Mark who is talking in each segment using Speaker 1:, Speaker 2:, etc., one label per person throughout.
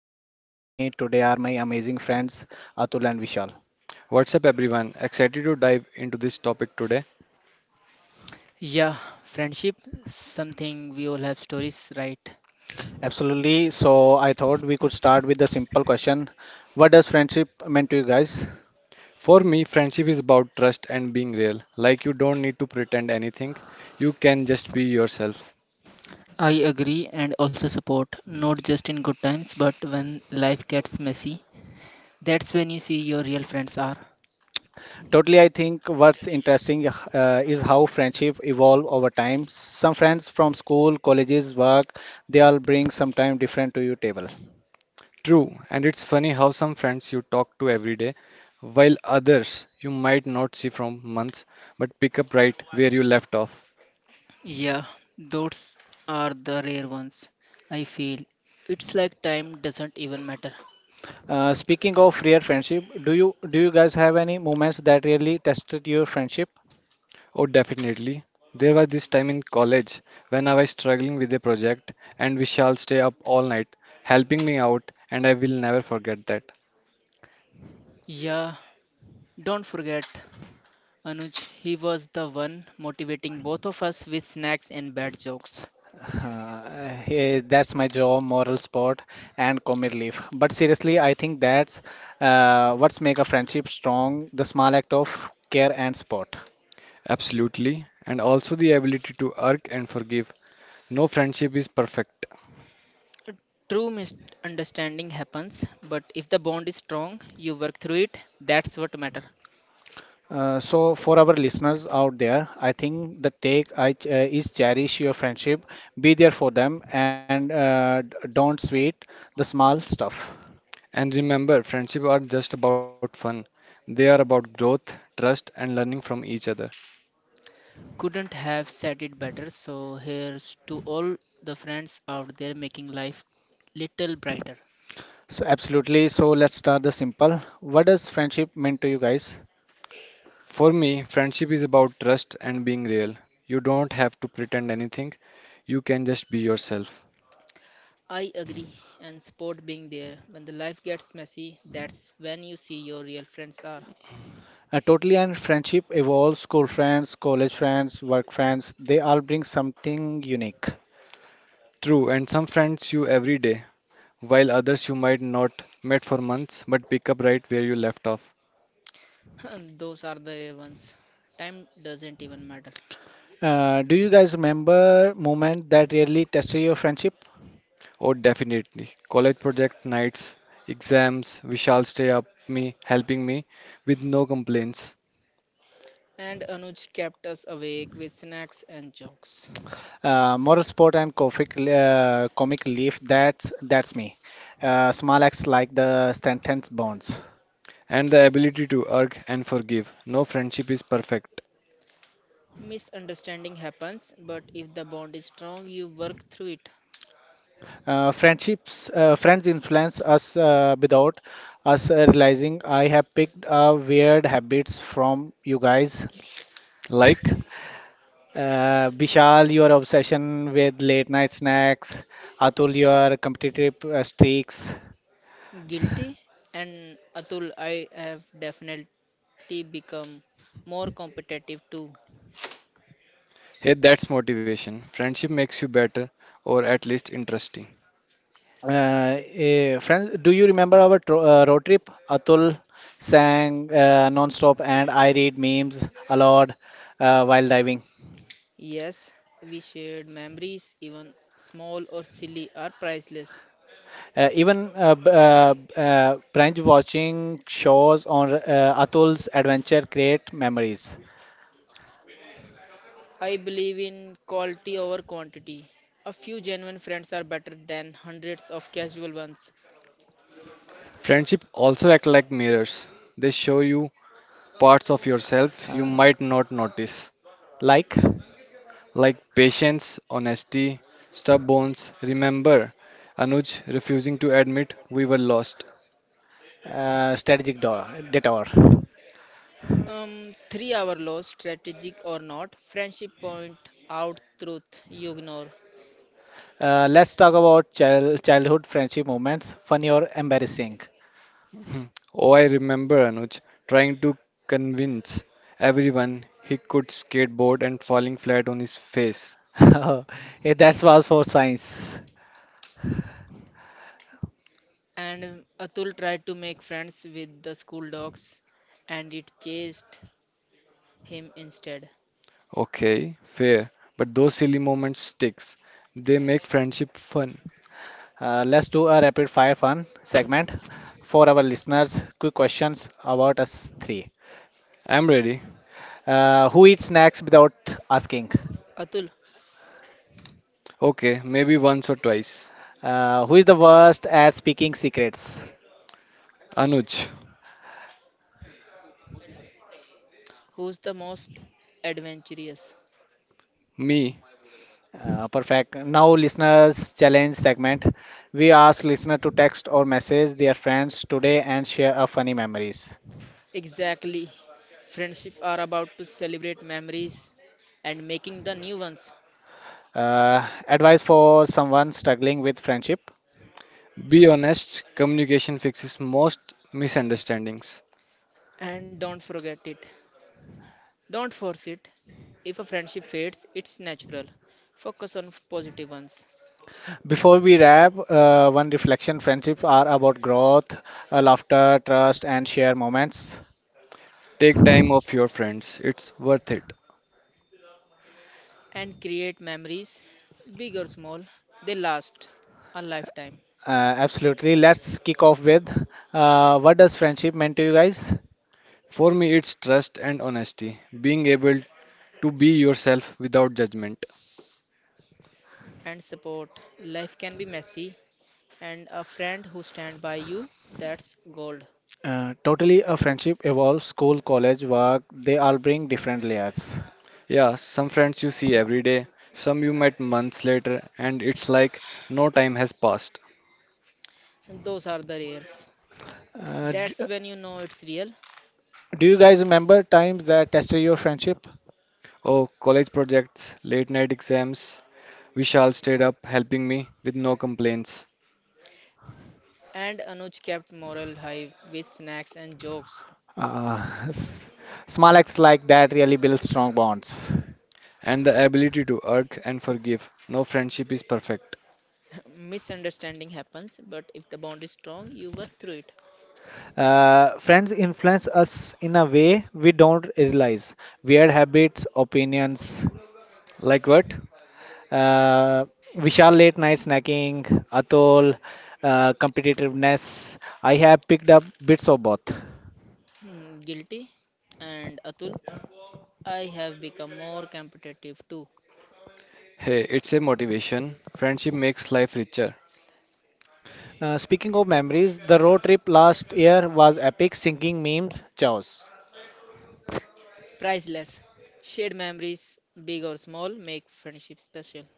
Speaker 1: and with me today are my amazing friends Atul and Vishal.
Speaker 2: What's up, everyone? Excited to dive into this topic today.
Speaker 3: Yeah, friendship, something we all have stories, right?
Speaker 1: Absolutely, so I thought we could start with a simple question. What does friendship mean to you guys?
Speaker 2: For me, friendship is about trust and being real. Like, you don't need to pretend anything, you can just be yourself.
Speaker 3: I agree and also support, not just in good times, but when life gets messy. That's when you see your real friends are.
Speaker 1: Totally, I think what's interesting is how friendship evolve over time. Some friends from school, colleges, work, they all bring sometime different to your table.
Speaker 2: True, and it's funny how some friends you talk to every day, while others you might not see from months, but pick up right where you left off.
Speaker 3: Yeah, those are the rare ones. I feel it's like time doesn't even matter.
Speaker 1: Speaking of rare friendship, do you guys have any moments that really tested your friendship?
Speaker 2: Oh, definitely. There was this time in college when I was struggling with a project, and Vishal stay up all night helping me out, and I will never forget that.
Speaker 3: Yeah, don't forget Anuj, he was the one motivating both of us with snacks and bad jokes.
Speaker 1: Uh, Hey, that's my job, moral support, and comic relief. But seriously, I think that's what's make a friendship strong, the small act of care and support.
Speaker 2: Absolutely. And also the ability to arc and forgive. No friendship is perfect.
Speaker 3: True misunderstanding happens, but if the bond is strong, you work through it. That's what matter.
Speaker 1: So for our listeners out there, I think the take is cherish your friendship, be there for them, and don't sweat the small stuff.
Speaker 2: And remember, friendship are just about fun. They are about growth, trust, and learning from each other.
Speaker 3: Couldn't have said it better. So here's to all the friends out there making life little brighter.
Speaker 1: So absolutely. So let's start the simple. What does friendship mean to you guys?
Speaker 2: For me, friendship is about trust and being real. You don't have to pretend anything. You can just be yourself.
Speaker 3: I agree and support being there. When the life gets messy, that's when you see your real friends are.
Speaker 1: Totally, and friendship evolves. School friends, college friends, work friends, they all bring something unique.
Speaker 2: True, and some friends you every day, while others you might not met for months but pick up right where you left off.
Speaker 3: Those are the rare ones. Time doesn't even matter.
Speaker 1: Do you guys remember moment that really tested your friendship?
Speaker 2: Oh, definitely. College project nights, exams, Vishal stay up me, helping me with no complaints,
Speaker 3: And Anuj kept us awake with snacks and jokes.
Speaker 1: Moral support and comic relief, that's me. Small acts like the strengthens bonds.
Speaker 2: and the ability to argue and forgive. No friendship is perfect.
Speaker 3: Misunderstanding happens, but if the bond is strong, you work through it.
Speaker 1: Friends influence us without us realizing. I have picked up weird habits from you guys.
Speaker 2: Like,
Speaker 1: Vishal, your obsession with late night snacks. Atul, your competitive streaks.
Speaker 3: Guilty and Atul, I have definitely become more competitive too.
Speaker 2: hey, that's motivation. Friendship makes you better, or at least interesting.
Speaker 1: Friends, do you remember our tro road trip? Atul sang non-stop, and I read memes aloud while diving.
Speaker 3: Yes, we shared memories, even small or silly, are priceless.
Speaker 1: Even binge watching shows on Atul's adventure create memories,
Speaker 3: I believe in quality over quantity. A few genuine friends are better than hundreds of casual ones.
Speaker 2: Friendship also act like mirrors. They show you parts of yourself you
Speaker 1: uh,
Speaker 2: might not notice,
Speaker 1: like
Speaker 2: like patience, honesty, stubbornness. Remember, Anuj refusing to admit we were lost.
Speaker 1: strategic detour.
Speaker 3: 3-hour loss, strategic or not, friendship point out truth you ignore.
Speaker 1: Let's talk about childhood friendship moments, funny or embarrassing.
Speaker 2: Mhm. Oh, I remember Anuj trying to convince everyone he could skateboard and falling flat on his face.
Speaker 1: Hey, that's all for science.
Speaker 3: And Atul tried to make friends with the school dogs, and it chased him instead.
Speaker 2: Okay, fair, but those silly moments sticks. They make friendship fun.
Speaker 1: Let's do a rapid fire fun segment for our listeners. Quick questions about us three.
Speaker 2: I'm ready.
Speaker 1: Who eats snacks without asking?
Speaker 3: Atul,
Speaker 2: Okay, maybe once or twice.
Speaker 1: Who is the worst at speaking secrets?
Speaker 2: Anuj,
Speaker 3: who's the most adventurous?
Speaker 2: me.
Speaker 1: Perfect. Now, listeners challenge segment. We ask listener to text or message their friends today and share a funny memories.
Speaker 3: Exactly. Friendship are about to celebrate memories and making the new ones.
Speaker 1: Advice for someone struggling with friendship.
Speaker 2: Be honest, communication fixes most misunderstandings.
Speaker 3: And don't forget it. Don't force it. If a friendship fades, it's natural. Focus on positive ones
Speaker 1: Before we wrap, one reflection friendships are about growth, laughter, trust, and shared moments.
Speaker 2: Take time off your friends. It's worth it.
Speaker 3: and create memories, big or small. They last a lifetime.
Speaker 1: Uh, Absolutely. Let's kick off with what does friendship mean to you guys?
Speaker 2: For me, it's trust and honesty. Being able to be yourself without judgment.
Speaker 3: And support. Life can be messy, and a friend who stand by you, that's gold.
Speaker 1: Totally, a friendship evolves school, college, work, they all bring different layers.
Speaker 2: Yeah, some friends you see every day, some you met months later, and it's like no time has passed.
Speaker 3: And those are the rares.
Speaker 1: Uh, d-
Speaker 3: That's when you know it's real.
Speaker 1: do you guys remember times that tested your friendship?
Speaker 2: Oh, college projects, late night exams. Vishal stayed up helping me with no complaints.
Speaker 3: And Anuj kept morale high with snacks and jokes.
Speaker 1: Uh, s- Small acts like that really build strong bonds.
Speaker 2: And the ability to argue and forgive. No friendship is perfect.
Speaker 3: Misunderstanding happens, but if the bond is strong, you work through it.
Speaker 1: Friends influence us in a way we don't realize. Weird habits, opinions,
Speaker 2: Like what?
Speaker 1: uh, Vishal late night snacking, Atol, competitiveness. I have picked up bits of both.
Speaker 3: Hmm, guilty. And Atul, I have become more competitive too.
Speaker 2: Hey, it's a motivation. Friendship makes life richer.
Speaker 1: Speaking of memories, the road trip last year was epic, singing memes, chaos.
Speaker 3: Priceless shared memories, big or small, make friendship special.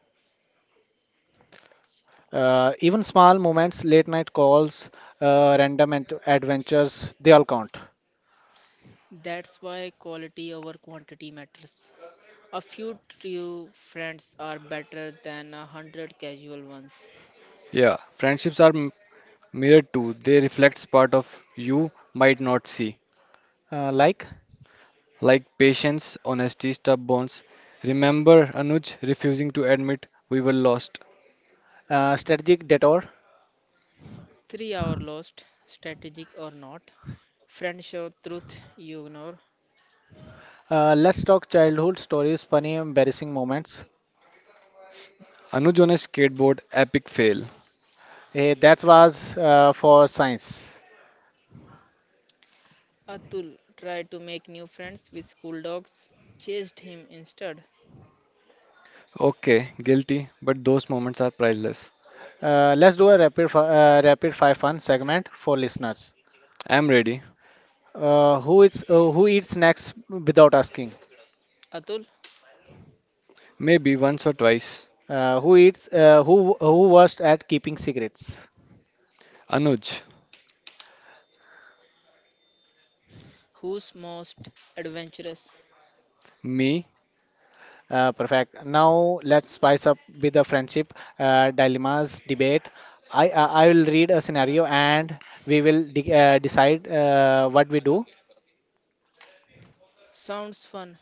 Speaker 1: Even small moments, late night calls, random adventures, they all count.
Speaker 3: That's why quality over quantity matters. A few true friends are better than a hundred casual ones.
Speaker 2: Yeah, friendships are mirrored too. They reflect part of you might not see.
Speaker 1: Like
Speaker 2: Like patience, honesty, stubbornness. Remember Anuj refusing to admit we were lost.
Speaker 1: strategic detour.
Speaker 3: 3-hour lost, strategic or not. Friends show truth you ignore.
Speaker 1: Let's talk childhood stories, funny, embarrassing moments.
Speaker 2: Anuj on a skateboard, epic fail.
Speaker 1: That was for science.
Speaker 3: Atul tried to make new friends with school dogs, chased him instead.
Speaker 2: Okay, guilty, but those moments are priceless.
Speaker 1: Let's do a rapid five fun segment for listeners.
Speaker 2: I'm ready.
Speaker 1: Who eats snacks without asking?
Speaker 3: Atul,
Speaker 2: Maybe once or twice.
Speaker 1: Who eats who worst at keeping secrets?
Speaker 2: Anuj,
Speaker 3: who's most adventurous?
Speaker 2: me,
Speaker 1: Perfect. Now let's spice up with the friendship dilemmas debate. I will read a scenario and we will decide what we do.
Speaker 3: Sounds fun.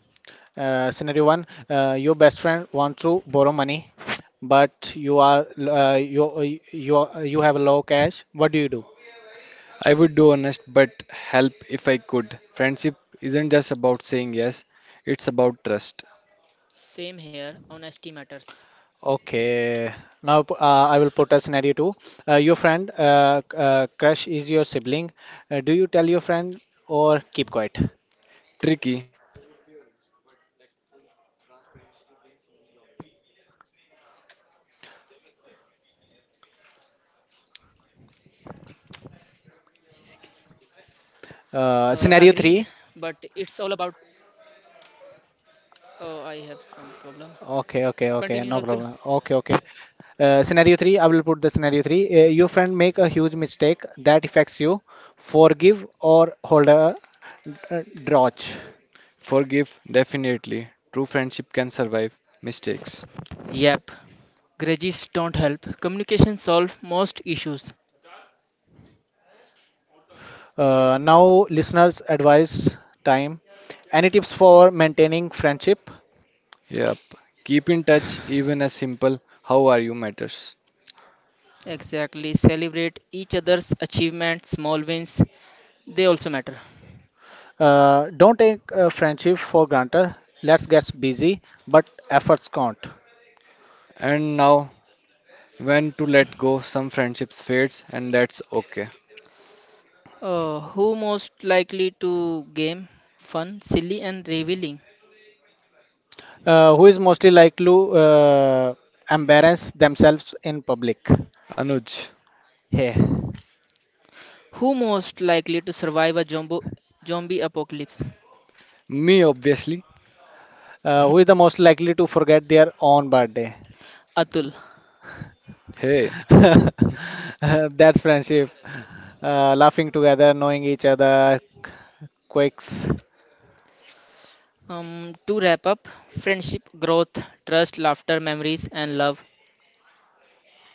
Speaker 1: Scenario one, your best friend wants to borrow money, but you are you you are- you have low cash. What do you do?
Speaker 2: I would do honest but help if I could. Friendship isn't just about saying yes, it's about trust.
Speaker 3: Same here, honesty matters.
Speaker 1: Okay. Now I will put a scenario two. Your friend crush is your sibling. Do you tell your friend or keep quiet?
Speaker 2: Tricky, I would be honest but tactful. Transparency wins in the long run.
Speaker 3: Agreed, but it's
Speaker 1: Scenario
Speaker 3: all
Speaker 1: three.
Speaker 3: about. I have some problem.
Speaker 1: Okay,
Speaker 3: Continue,
Speaker 1: okay,
Speaker 3: Atul.
Speaker 1: okay. No problem. Okay, okay. Scenario three. I will put the scenario three. Your friend make a huge mistake that affects you. Forgive or hold a grudge.
Speaker 2: Forgive, definitely. True friendship can survive mistakes.
Speaker 3: Yep, grudges don't help. Communication solve most issues.
Speaker 1: Now, listeners' advice time. Any tips for maintaining friendship?
Speaker 2: Yep. Keep in touch, even as simple how are you matters.
Speaker 3: Exactly. Celebrate each other's achievements, small wins. They also matter.
Speaker 1: Don't take friendship for granted. Let's get busy, but efforts count.
Speaker 2: And now, when to let go, some friendships fades, and that's okay.
Speaker 3: Who most likely to game? Fun, silly, and revealing.
Speaker 1: Who is mostly likely to embarrass themselves in public?
Speaker 2: Anuj,
Speaker 1: Hey,
Speaker 3: Who most likely to survive a jumbo, zombie apocalypse?
Speaker 2: me obviously.
Speaker 1: who is the most likely to forget their own birthday?
Speaker 3: Atul.
Speaker 2: Hey,
Speaker 1: That's friendship. Laughing together, knowing each other, quakes.
Speaker 3: To wrap up, friendship, growth, trust, laughter, memories, and love.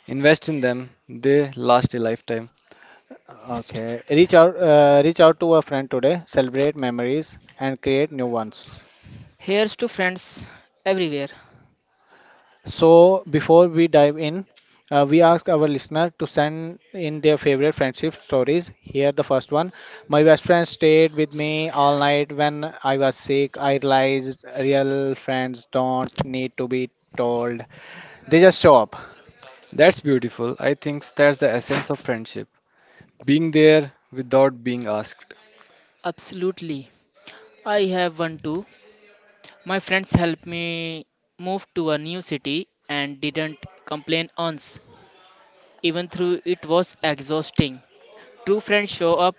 Speaker 2: invest in them, they last a lifetime.
Speaker 3: Here's to
Speaker 1: Okay.
Speaker 3: friends.
Speaker 1: Reach out to a friend today, celebrate memories and create new ones.
Speaker 3: Here's to friends everywhere.
Speaker 1: So, before we dive in, we ask our listener to send in their favorite friendship stories. Here, the first one. My best friend stayed with me all night when I was sick. I realized real friends don't need to be told, they just show up.
Speaker 2: That's beautiful. I think that's the essence of friendship. Being there without being asked.
Speaker 3: Absolutely. I have one too. My friends helped me move to a new city and didn't complain once, even though it was exhausting. True friends show up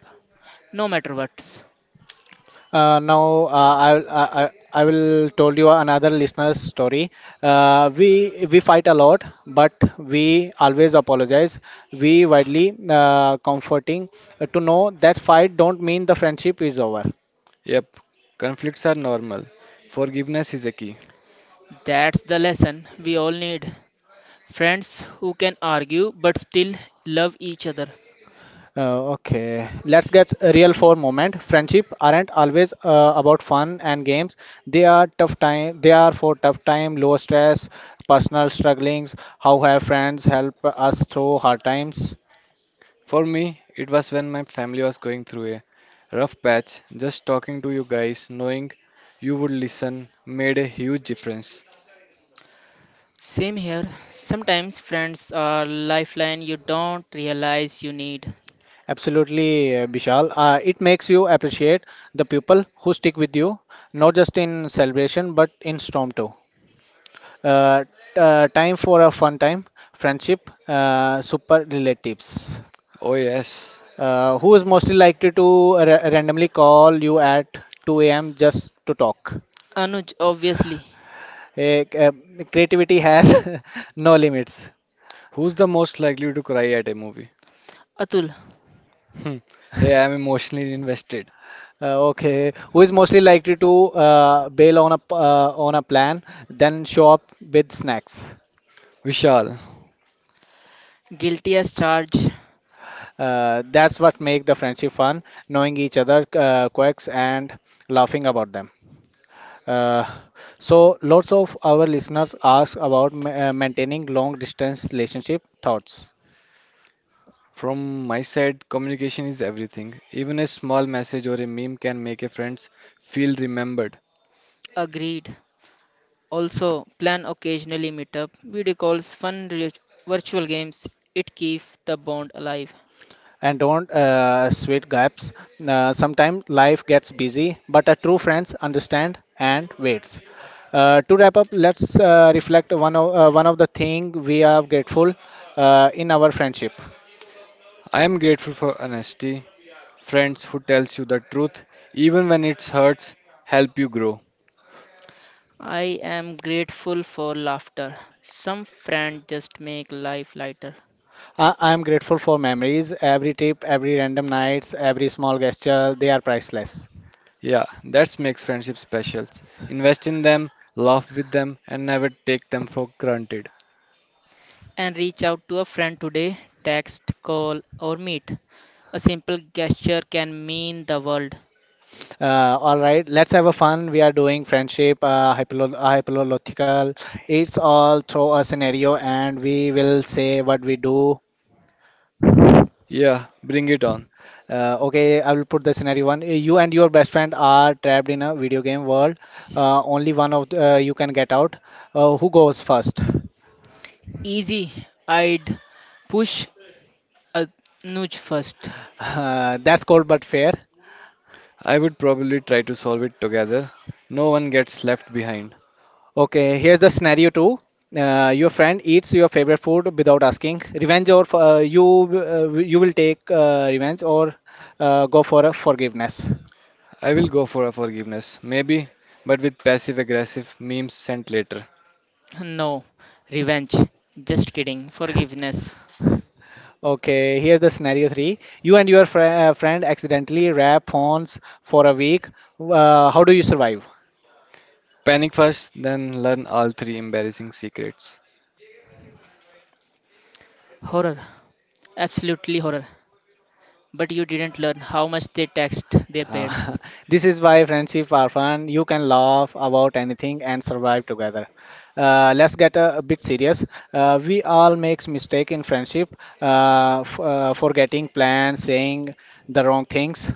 Speaker 3: no matter what.
Speaker 1: Now, I will told you another listener's story. We fight a lot, but we always apologize. We widely comforting to know that fight don't mean the friendship is over.
Speaker 2: Yep, conflicts are normal. Forgiveness is a key.
Speaker 3: That's the lesson we all need. Friends who can argue but still love each other.
Speaker 1: Okay, let's get real for a moment. Friendship aren't always about fun and games. They are tough time. They are for tough time, low stress, personal strugglings. How have friends help us through hard times?
Speaker 2: For me, it was when my family was going through a rough patch, just talking to you guys, knowing you would listen, made a huge difference.
Speaker 3: Same here. Sometimes friends are lifeline you don't realize you need.
Speaker 1: Absolutely, Vishal. It makes you appreciate the people who stick with you, not just in celebration but in storm too. Uh, t- Time for a fun time, friendship, super relatives.
Speaker 2: Oh, yes.
Speaker 1: Who is mostly likely to randomly call you at 2 a.m. just to talk?
Speaker 3: Anuj, obviously.
Speaker 1: Eh, c- uh, Creativity has no limits.
Speaker 2: Who's the most likely to cry at a movie?
Speaker 3: Atul,
Speaker 2: Hmm. Hey, I'm emotionally invested.
Speaker 1: Okay, who is mostly likely to bail on on a plan, then show up with snacks?
Speaker 2: Vishal.
Speaker 3: guilty as charged.
Speaker 1: That's what make the friendship fun, knowing each other quirks and laughing about them. Uh, so lots of our listeners ask about maintaining long distance relationship thoughts,
Speaker 2: From my side, communication is everything. Even a small message or a meme can make a friends feel remembered.
Speaker 3: Agreed. Also, plan occasionally meetup, video calls, fun virtual games. It keeps the bond alive.
Speaker 1: and don't sweet gaps. Sometimes life gets busy, but a true friends understand and waits. To wrap up, let's reflect one of the thing we are grateful in our friendship.
Speaker 2: I am grateful for honesty. Friends who tells you the truth, even when it hurts, help you grow.
Speaker 3: I am grateful for laughter. Some friends just make life lighter.
Speaker 1: I am grateful for memories. Every trip, every random nights, every small gesture, they are priceless.
Speaker 2: Yeah, that's makes friendship specials. Invest in them, laugh with them, and never take them for granted.
Speaker 3: And reach out to a friend today, text, call, or meet. A simple gesture can mean the world.
Speaker 1: All right, let's have a fun. We are doing friendship, it's all through a scenario and we will say what we do.
Speaker 2: Yeah, bring it on.
Speaker 1: Okay, I will put the scenario one. You and your best friend are trapped in a video game world. Only one of you can get out. Who goes first?
Speaker 3: Easy, I'd push a nudge first.
Speaker 1: That's cold but fair.
Speaker 2: I would probably try to solve it together. No one gets left behind.
Speaker 1: Okay, here's the scenario two. Your friend eats your favorite food without asking. Revenge or you will take revenge or go for a forgiveness.
Speaker 2: I will go for a forgiveness, maybe, but with passive aggressive memes sent later.
Speaker 3: No, revenge. Just kidding. Forgiveness with a dramatic lecture.
Speaker 1: Okay, here's the scenario three. You and your friend accidentally wrap phones for a week. How do you survive?
Speaker 2: Panic first, then learn all three embarrassing secrets.
Speaker 3: Horror. Absolutely horror. But you didn't learn how much they taxed their parents.
Speaker 1: Uh, this is why friendship are fun. You can laugh about anything and survive together. Let's get a bit serious. We all makes mistake in friendship, f forgetting plans, saying the wrong things.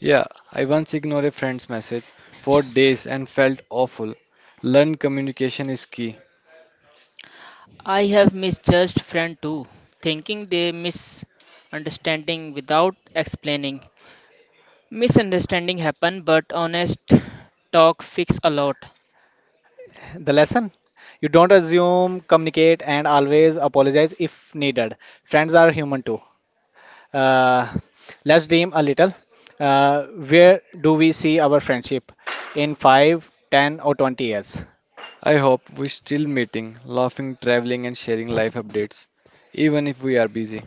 Speaker 2: Yeah, I once ignored a friend's message for days and felt awful. Learn communication is key.
Speaker 3: I have misjudged friend too, thinking they misunderstanding without explaining. Misunderstanding happen, but honest talk fix a lot.
Speaker 1: The lesson: you don't assume, communicate, and always apologize if needed. Friends are human too. Uh, let's dream a little. Uh, where do we see our friendship in five, ten, or 20 years?
Speaker 2: I hope we're still meeting, laughing, traveling, and sharing life updates, even if we are busy.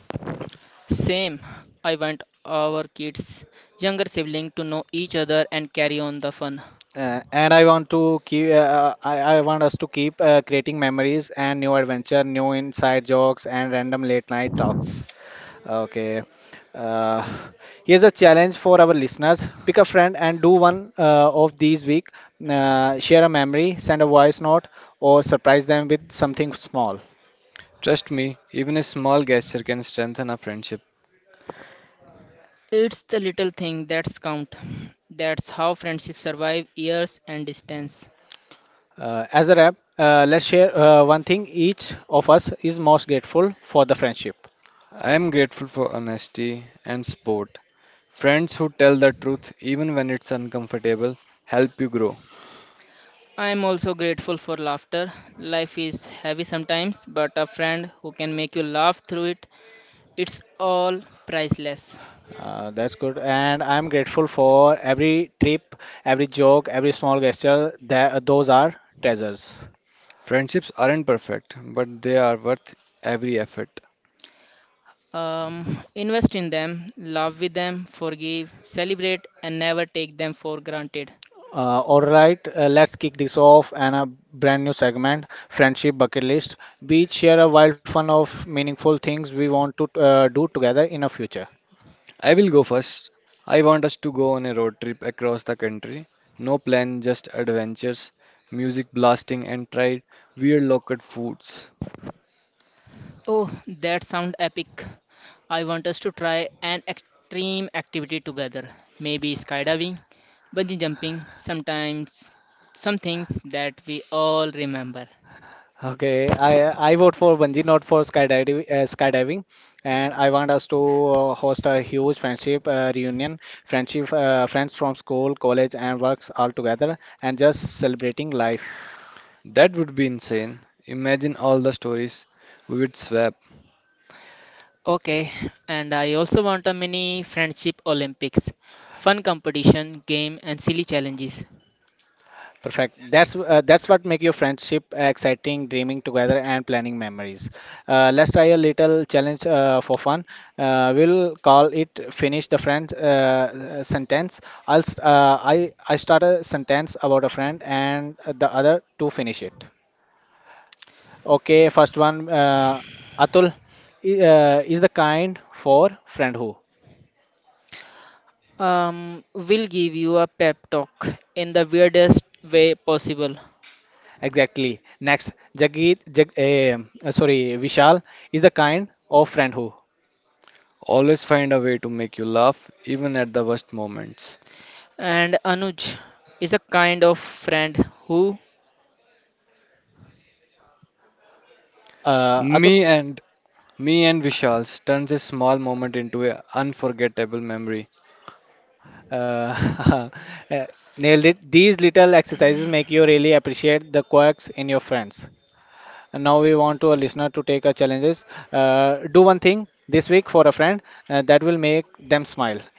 Speaker 3: Same, I want our kids, younger sibling to know each other and carry on the fun.
Speaker 1: And I want to keep. I want us to keep creating memories and new adventure, new inside jokes, and random late night talks. Okay. Uh, Here's a challenge for our listeners: pick a friend and do one of these week. Share a memory, send a voice note, or surprise them with something small.
Speaker 2: Trust me, even a small gesture can strengthen a friendship.
Speaker 3: It's the little thing that's count. That's how friendships survive years and distance.
Speaker 1: As a wrap, let's share one thing each of us is most grateful for the friendship.
Speaker 2: I am grateful for honesty and support. Friends who tell the truth, even when it's uncomfortable, help you grow.
Speaker 3: I am also grateful for laughter. Life is heavy sometimes, but a friend who can make you laugh through it, it's all priceless.
Speaker 1: That's good, and I'm grateful for every trip, every joke, every small gesture. That Those are treasures.
Speaker 2: Friendships aren't perfect, but they are worth every effort.
Speaker 3: Invest in them, love with them, forgive, celebrate, and never take them for granted.
Speaker 1: All right, let's kick this off and a brand new segment, friendship bucket list. We each share a wild fun of meaningful things we want to do together in the future.
Speaker 2: I will go first. I want us to go on a road trip across the country. No plan, just adventures, music blasting, and try weird local foods.
Speaker 3: Oh, that sounds epic. I want us to try an extreme activity together. Maybe skydiving, bungee jumping, sometimes some things that we all remember.
Speaker 1: Okay, I vote for bungee, not for skydiving. Skydiving, and I want us to host a huge friendship reunion, friends from school, college, and works all together, and just celebrating life.
Speaker 2: That would be insane. Imagine all the stories we would swap.
Speaker 3: Okay, and I also want a mini friendship Olympics, fun competition, game, and silly challenges.
Speaker 1: Perfect. That's what make your friendship exciting, dreaming together and planning memories. Let's try a little challenge for fun. We'll call it finish the friend sentence. I'll st- I start a sentence about a friend and the other to finish it. Okay, first one. Atul is the kind for friend who.
Speaker 3: We'll give you a pep talk in the weirdest way possible.
Speaker 1: Exactly. Next, Jagit, Jag, eh, sorry, Vishal is the kind of friend who.
Speaker 2: Always find a way to make you laugh, even at the worst moments.
Speaker 3: And Anuj is a kind of friend who,
Speaker 1: Atul,
Speaker 2: Me and me and Vishal's turns a small moment into an unforgettable memory.
Speaker 1: Uh, uh, Nailed it. These little exercises make you really appreciate the quirks in your friends. And now we want to a listener to take our challenges. Do one thing this week for a friend that will make them smile. Uh,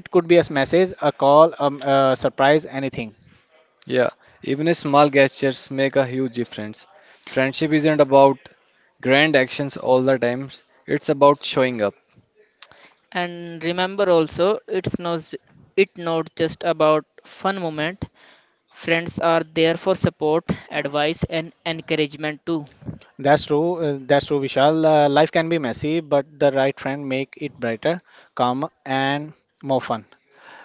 Speaker 1: it could be a message, a call, a surprise, anything.
Speaker 2: Yeah, even a small gestures make a huge difference. Friendship isn't about grand actions all the times. It's about showing up.
Speaker 3: and remember also, it's not just about fun moment. Friends are there for support, advice, and encouragement too.
Speaker 1: That's true. That's true, Vishal. Life can be messy, but the right friend make it brighter, calmer, and more fun.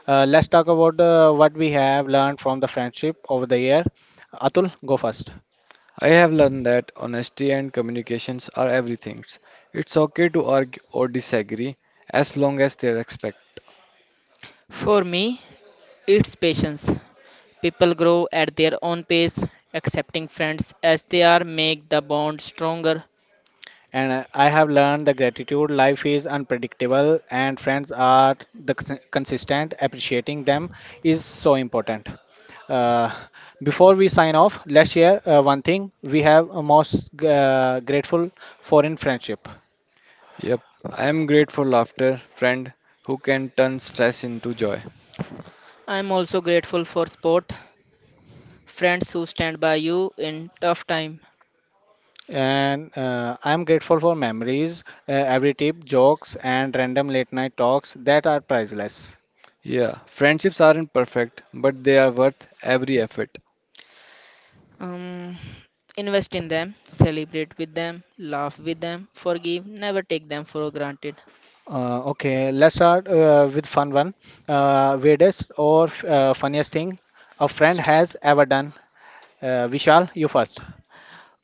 Speaker 1: Let's talk about what we have learned from the friendship over the year. Atul, go first.
Speaker 2: I have learned that honesty and communications are everything. It's okay to argue or disagree as long as they're respected.
Speaker 3: For me, it's patience. People grow at their own pace, accepting friends as they are make the bond stronger.
Speaker 1: And I have learned the gratitude. Life is unpredictable, and friends are the consistent. Appreciating them is so important. Uh, Before we sign off, let's share one thing we have most grateful for in friendship.
Speaker 2: Yep, I am great for laughter, friend who can turn stress into joy.
Speaker 3: I'm also grateful for sport, friends who stand by you in tough time.
Speaker 1: And I am grateful for memories, every tip, jokes, and random late night talks that are priceless.
Speaker 2: Yeah, friendships aren't perfect, but they are worth every effort.
Speaker 3: Um, Invest in them, celebrate with them, laugh with them, forgive, never take them for granted.
Speaker 1: Okay, let's start with fun one. Weirdest or funniest thing a friend has ever done. Vishal, you first.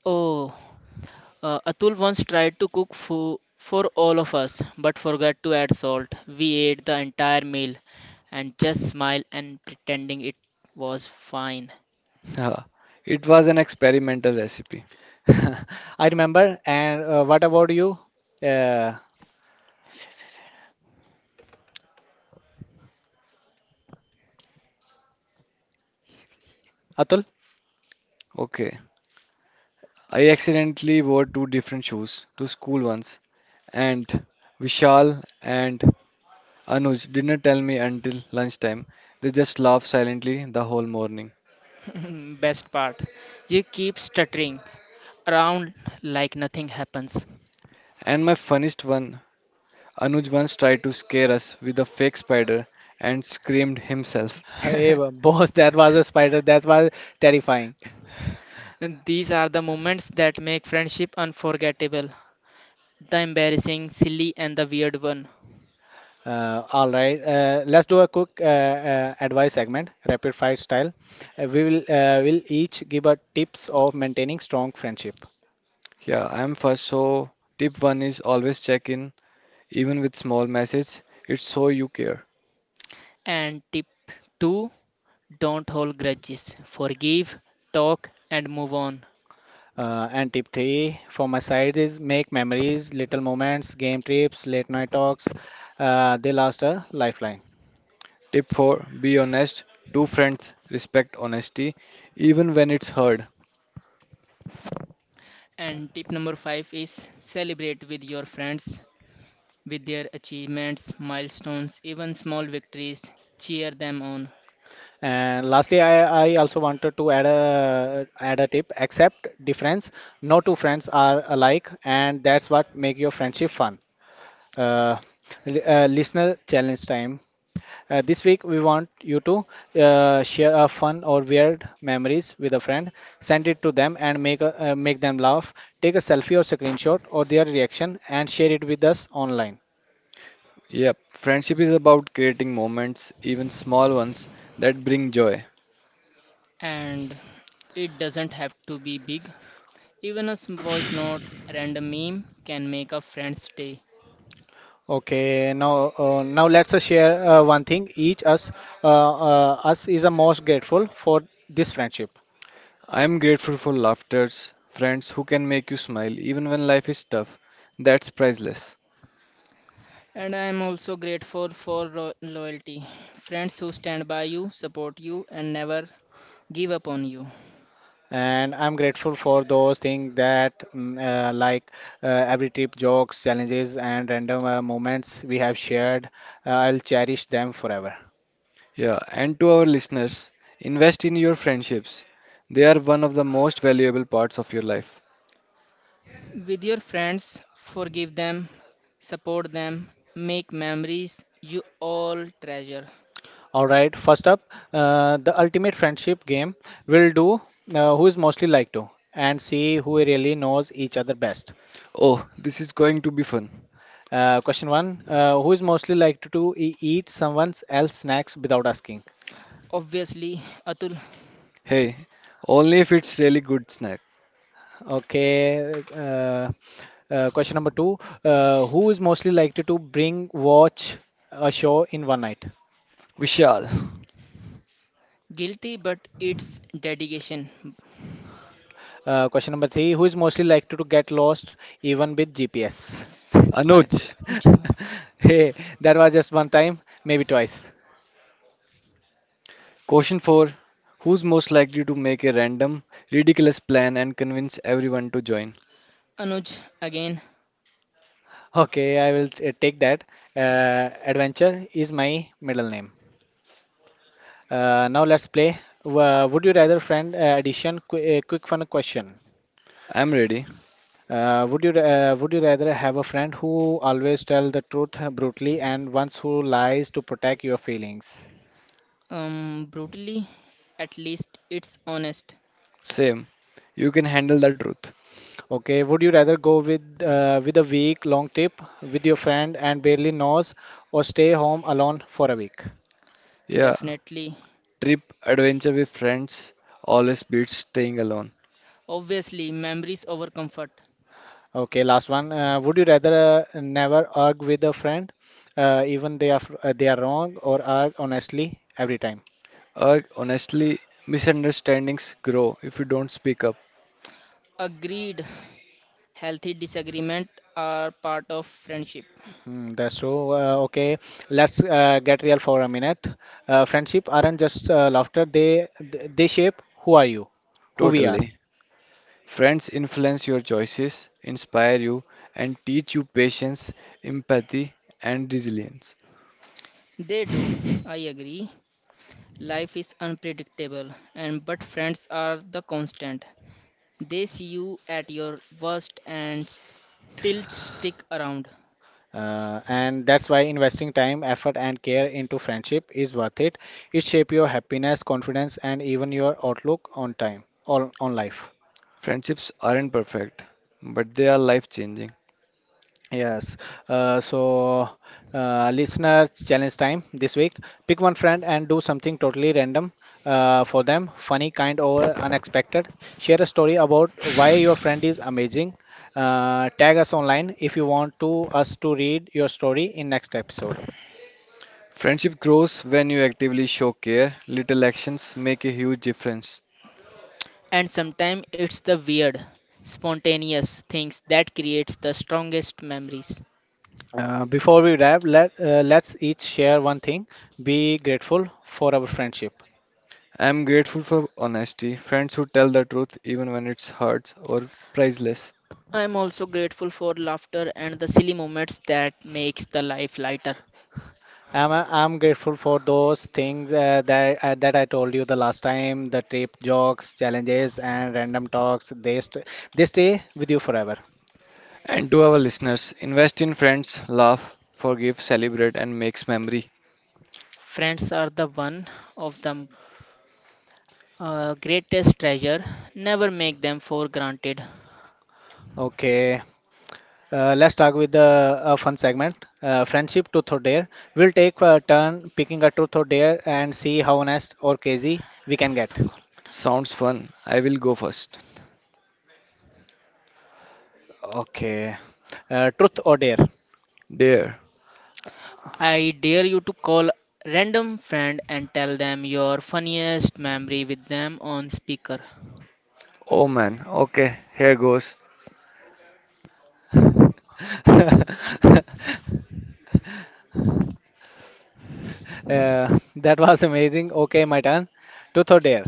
Speaker 3: Oh, Atul once tried to cook for all of us but forgot to add salt. We ate the entire meal and just smiled and pretending it was fine.
Speaker 2: Haha, it was an experimental recipe.
Speaker 1: I remember. And what about you, uh, Atul?
Speaker 2: Okay, I accidentally wore two different shoes to school once, and Vishal and Anuj didn't tell me until lunchtime. They just laughed silently the whole morning.
Speaker 3: Best part, you keep stuttering around like nothing happens.
Speaker 2: And my funniest one, Anuj once tried to scare us with a fake spider and screamed himself.
Speaker 1: Hey, boss, that was a spider. That was terrifying.
Speaker 3: And these are the moments that make friendship unforgettable, the embarrassing, silly, and the weird one.
Speaker 1: All right, let's do a quick advice segment, rapid fire style. We will each give a tips of maintaining strong friendship.
Speaker 2: Yeah, I'm first. So, tip one is always check in, even with small message. It's so you care.
Speaker 3: And tip 2, don't hold grudges, forgive, talk, and move on.
Speaker 1: And tip three from my side is make memories, little moments, game trips, late night talks. They last a lifeline.
Speaker 2: Tip four, be honest. Two friends respect honesty, even when it's hard.
Speaker 3: And tip number five is celebrate with your friends with their achievements, milestones, even small victories. Cheer them on.
Speaker 1: And lastly, I also wanted to add a tip. Accept difference. No two friends are alike, and that's what make your friendship fun. Uh, Listener challenge time. This week we want you to share a fun or weird memories with a friend. Send it to them and make make them laugh. Take a selfie or screenshot or their reaction and share it with us online.
Speaker 2: Yep, friendship is about creating moments, even small ones, that bring joy.
Speaker 3: And it doesn't have to be big. Even a voice note, a random meme can make a friend's day.
Speaker 1: Okay, now let's share one thing each us us is the most grateful for this friendship,
Speaker 2: I'm grateful for laughters, friends who can make you smile even when life is tough. That's priceless.
Speaker 3: And I am also grateful for loyalty. Friends who stand by you, support you, and never give up on you.
Speaker 1: and I'm grateful for those things that like uh, every trip, jokes, challenges, and random moments we have shared. I'll cherish them forever.
Speaker 2: Yeah, and to our listeners, invest in your friendships. They are one of the most valuable parts of your life.
Speaker 3: With your friends, forgive them, support them, make memories you all treasure.
Speaker 1: All right, first up, the ultimate friendship game will do who is mostly like to and see who really knows each other best.
Speaker 2: Oh, this is going to be fun.
Speaker 1: Question one, who is mostly likely to eat someone else snacks without asking?
Speaker 3: Obviously, Atul,
Speaker 2: Hey, only if it's really good snack.
Speaker 1: Okay. Question number two, who is mostly likely to bring watch a show in one night?
Speaker 2: Vishal,
Speaker 3: guilty, but it's dedication.
Speaker 1: Question number three, who is mostly likely to get lost even with GPS?
Speaker 2: Anuj,
Speaker 3: At- Anuj,
Speaker 1: Hey, that was just one time, maybe twice.
Speaker 2: question 4. Who's most likely to make a random, ridiculous plan and convince everyone to join?
Speaker 3: Anuj, again,
Speaker 1: Okay, I will take that. Adventure is my middle name. Now let's play. Would you rather friend addition? Qu Quick fun question.
Speaker 2: I'm ready.
Speaker 1: Would you would you rather have a friend who always tell the truth brutally and ones who lies to protect your feelings?
Speaker 3: brutally, at least it's honest.
Speaker 2: Same. You can handle the truth.
Speaker 1: Okay. Would you rather go with a week long trip with your friend and barely knows, or stay home alone for a week?
Speaker 2: Yeah,
Speaker 3: Definitely.
Speaker 2: trip adventure with friends always beats staying alone.
Speaker 3: Obviously, memories over comfort.
Speaker 1: Okay. Last one. Would you rather never argue with a friend, even they are fr- they are wrong, or argue honestly every time?
Speaker 2: Or honestly, misunderstandings grow if you don't speak up.
Speaker 3: Agreed. Healthy disagreement are part of friendship.
Speaker 1: Mm, that's so. Okay, let's get real for a minute. Friendship aren't just laughter; they shape who are you, who we are,
Speaker 2: Totally. Friends influence your choices, inspire you, and teach you patience, empathy, and resilience.
Speaker 3: They do. I agree. Life is unpredictable, and but friends are the constant. They see you at your worst and still stick around.
Speaker 1: and that's why investing time, effort, and care into friendship is worth it. It shapes your happiness, confidence, and even your outlook on time, on life.
Speaker 2: Friendships aren't perfect, but they are life changing.
Speaker 1: Yes. So, listener challenge time this week. Pick one friend and do something totally random for them, funny, kind, or unexpected. Share a story about why your friend is amazing. Tag us online if you want to us to read your story in next episode.
Speaker 2: Friendship grows when you actively show care. Little actions make a huge difference.
Speaker 3: And sometimes it's the weird, spontaneous things that creates the strongest memories.
Speaker 1: Before we wrap, let's each share one thing. Be grateful for our friendship.
Speaker 2: I am grateful for honesty, friends who tell the truth even when it hurts or priceless.
Speaker 3: I am also grateful for laughter and the silly moments that makes the life lighter.
Speaker 1: I'm grateful for those things that I told you the last time, the trip jokes, challenges, and random talks. They stay with you forever.
Speaker 2: And to our listeners, invest in friends, laugh, forgive, celebrate, and makes memory.
Speaker 3: Friends are the one of the greatest treasure. Never make them for granted.
Speaker 1: Okay, let's talk with the a fun segment, friendship truth or dare. We'll take a turn picking a truth or dare and see how honest or crazy we can get.
Speaker 2: Sounds fun. I will go first.
Speaker 1: Okay, truth or dare.
Speaker 2: Dear,
Speaker 3: I dare you to call random friend and tell them your funniest memory with them on speaker.
Speaker 2: oh man, okay, here goes.
Speaker 1: That was amazing. Okay, my turn. Truth or dare?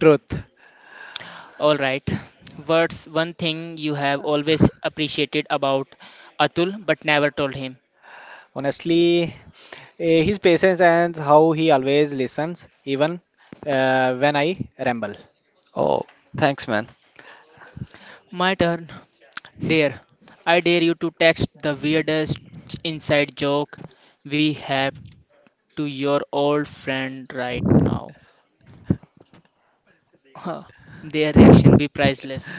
Speaker 1: Truth.
Speaker 3: All right. What's one thing you have always appreciated about Atul but never told him?
Speaker 1: Honestly, his patience and how he always listens, even when I ramble.
Speaker 2: Oh, thanks man.
Speaker 3: My turn. Dare. I dare you to text the weirdest inside joke we have to your old friend right now. Huh. Their reaction be priceless.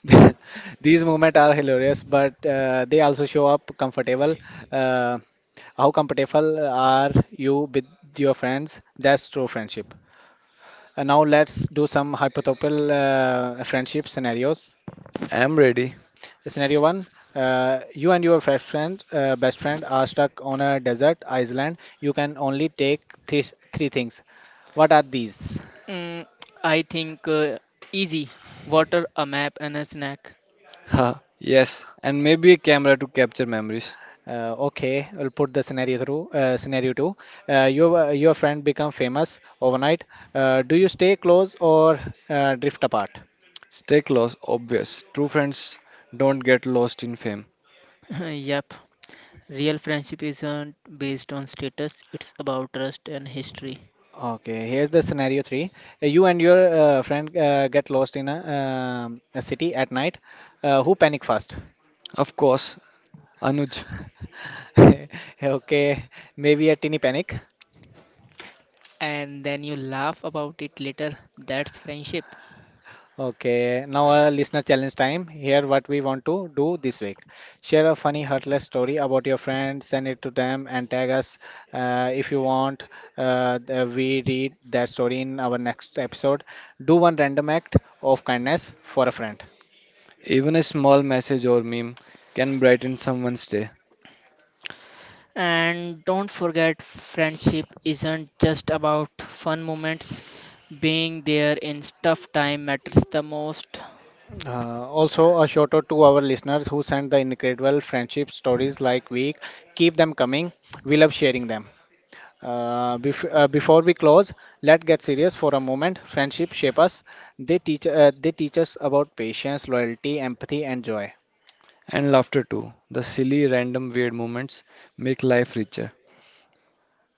Speaker 1: These moments are hilarious, but they also show up comfortable. Uh, how comfortable are you with your friends? That's true friendship. And now let's do some hypothetical friendship scenarios.
Speaker 2: I'm ready.
Speaker 1: Scenario one: you and your best friend are stuck on a desert island. You can only take three, three things. What are these?
Speaker 3: Mm, I think easy. Water, a map, and a snack.
Speaker 2: Ha, yes, and maybe a camera to capture memories.
Speaker 1: Okay, we'll put the scenario through. Scenario two: your friend become famous overnight. Do you stay close or drift apart?
Speaker 2: Stay close, obvious. True friends don't get lost in fame.
Speaker 3: Yep. Real friendship isn't based on status, it's about trust and history.
Speaker 1: Okay, here's the scenario three. You and your friend get lost in a city at night. Who panic first?
Speaker 2: Of course, Anuj,
Speaker 1: Okay, maybe a teeny panic.
Speaker 3: And then you laugh about it later. That's friendship.
Speaker 1: Okay, now a listener challenge time. Here, what we want to do this week. Share a funny, heartless story about your friend, send it to them, and tag us if you want. We read that story in our next episode. Do one random act of kindness for a friend.
Speaker 2: even a small message or meme can brighten someone's day.
Speaker 3: And don't forget, friendship isn't just about fun moments. Being there in tough time matters the most.
Speaker 1: Also, a shout out to our listeners who send the incredible friendship stories like we keep them coming. We love sharing them. Before we close, let's get serious for a moment. Friendship shape us. They teach us about patience, loyalty, empathy, and joy.
Speaker 2: And laughter too. The silly, random, weird moments make life richer.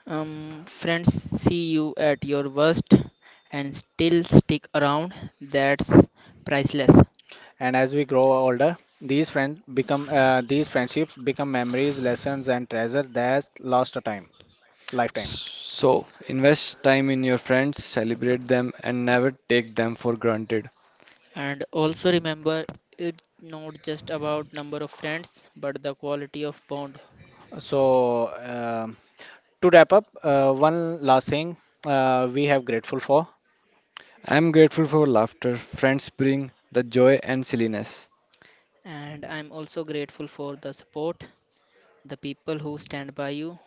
Speaker 3: Friends see you at your worst and still stick around, that's priceless.
Speaker 1: And as we grow older, these friendships become memories, lessons, and treasure that last a time lifetime.
Speaker 2: So, invest time in your friends, celebrate them, and never take them for granted.
Speaker 3: And also remember, it's not just about number of friends, but the quality of bond.
Speaker 1: So, to wrap up, one last thing we have grateful for,
Speaker 2: I'm grateful for laughter. Friends bring the joy and silliness.
Speaker 3: And I'm also grateful for the support, the people who stand by you,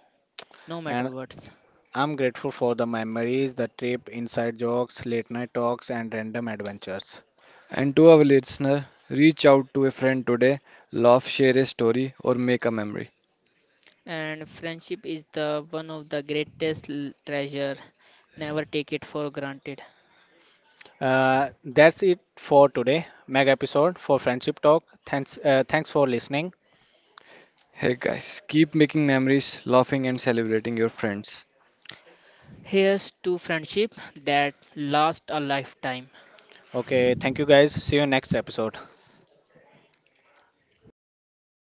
Speaker 3: no
Speaker 1: and
Speaker 3: matter what.
Speaker 1: I'm grateful for the memories, the trip, inside jokes, late night talks, and random adventures.
Speaker 2: And to our listener, reach out to a friend today, laugh, share a story, or make a memory.
Speaker 3: And friendship is the one of the greatest treasure. Never take it for granted.
Speaker 1: That's it for today, mega episode for Friendship Talk. Thanks, thanks for listening.
Speaker 2: Hey guys, keep making memories, laughing, and celebrating your friends.
Speaker 3: Here's to friendship that lasts a lifetime.
Speaker 1: Okay, thank you guys. See you next episode.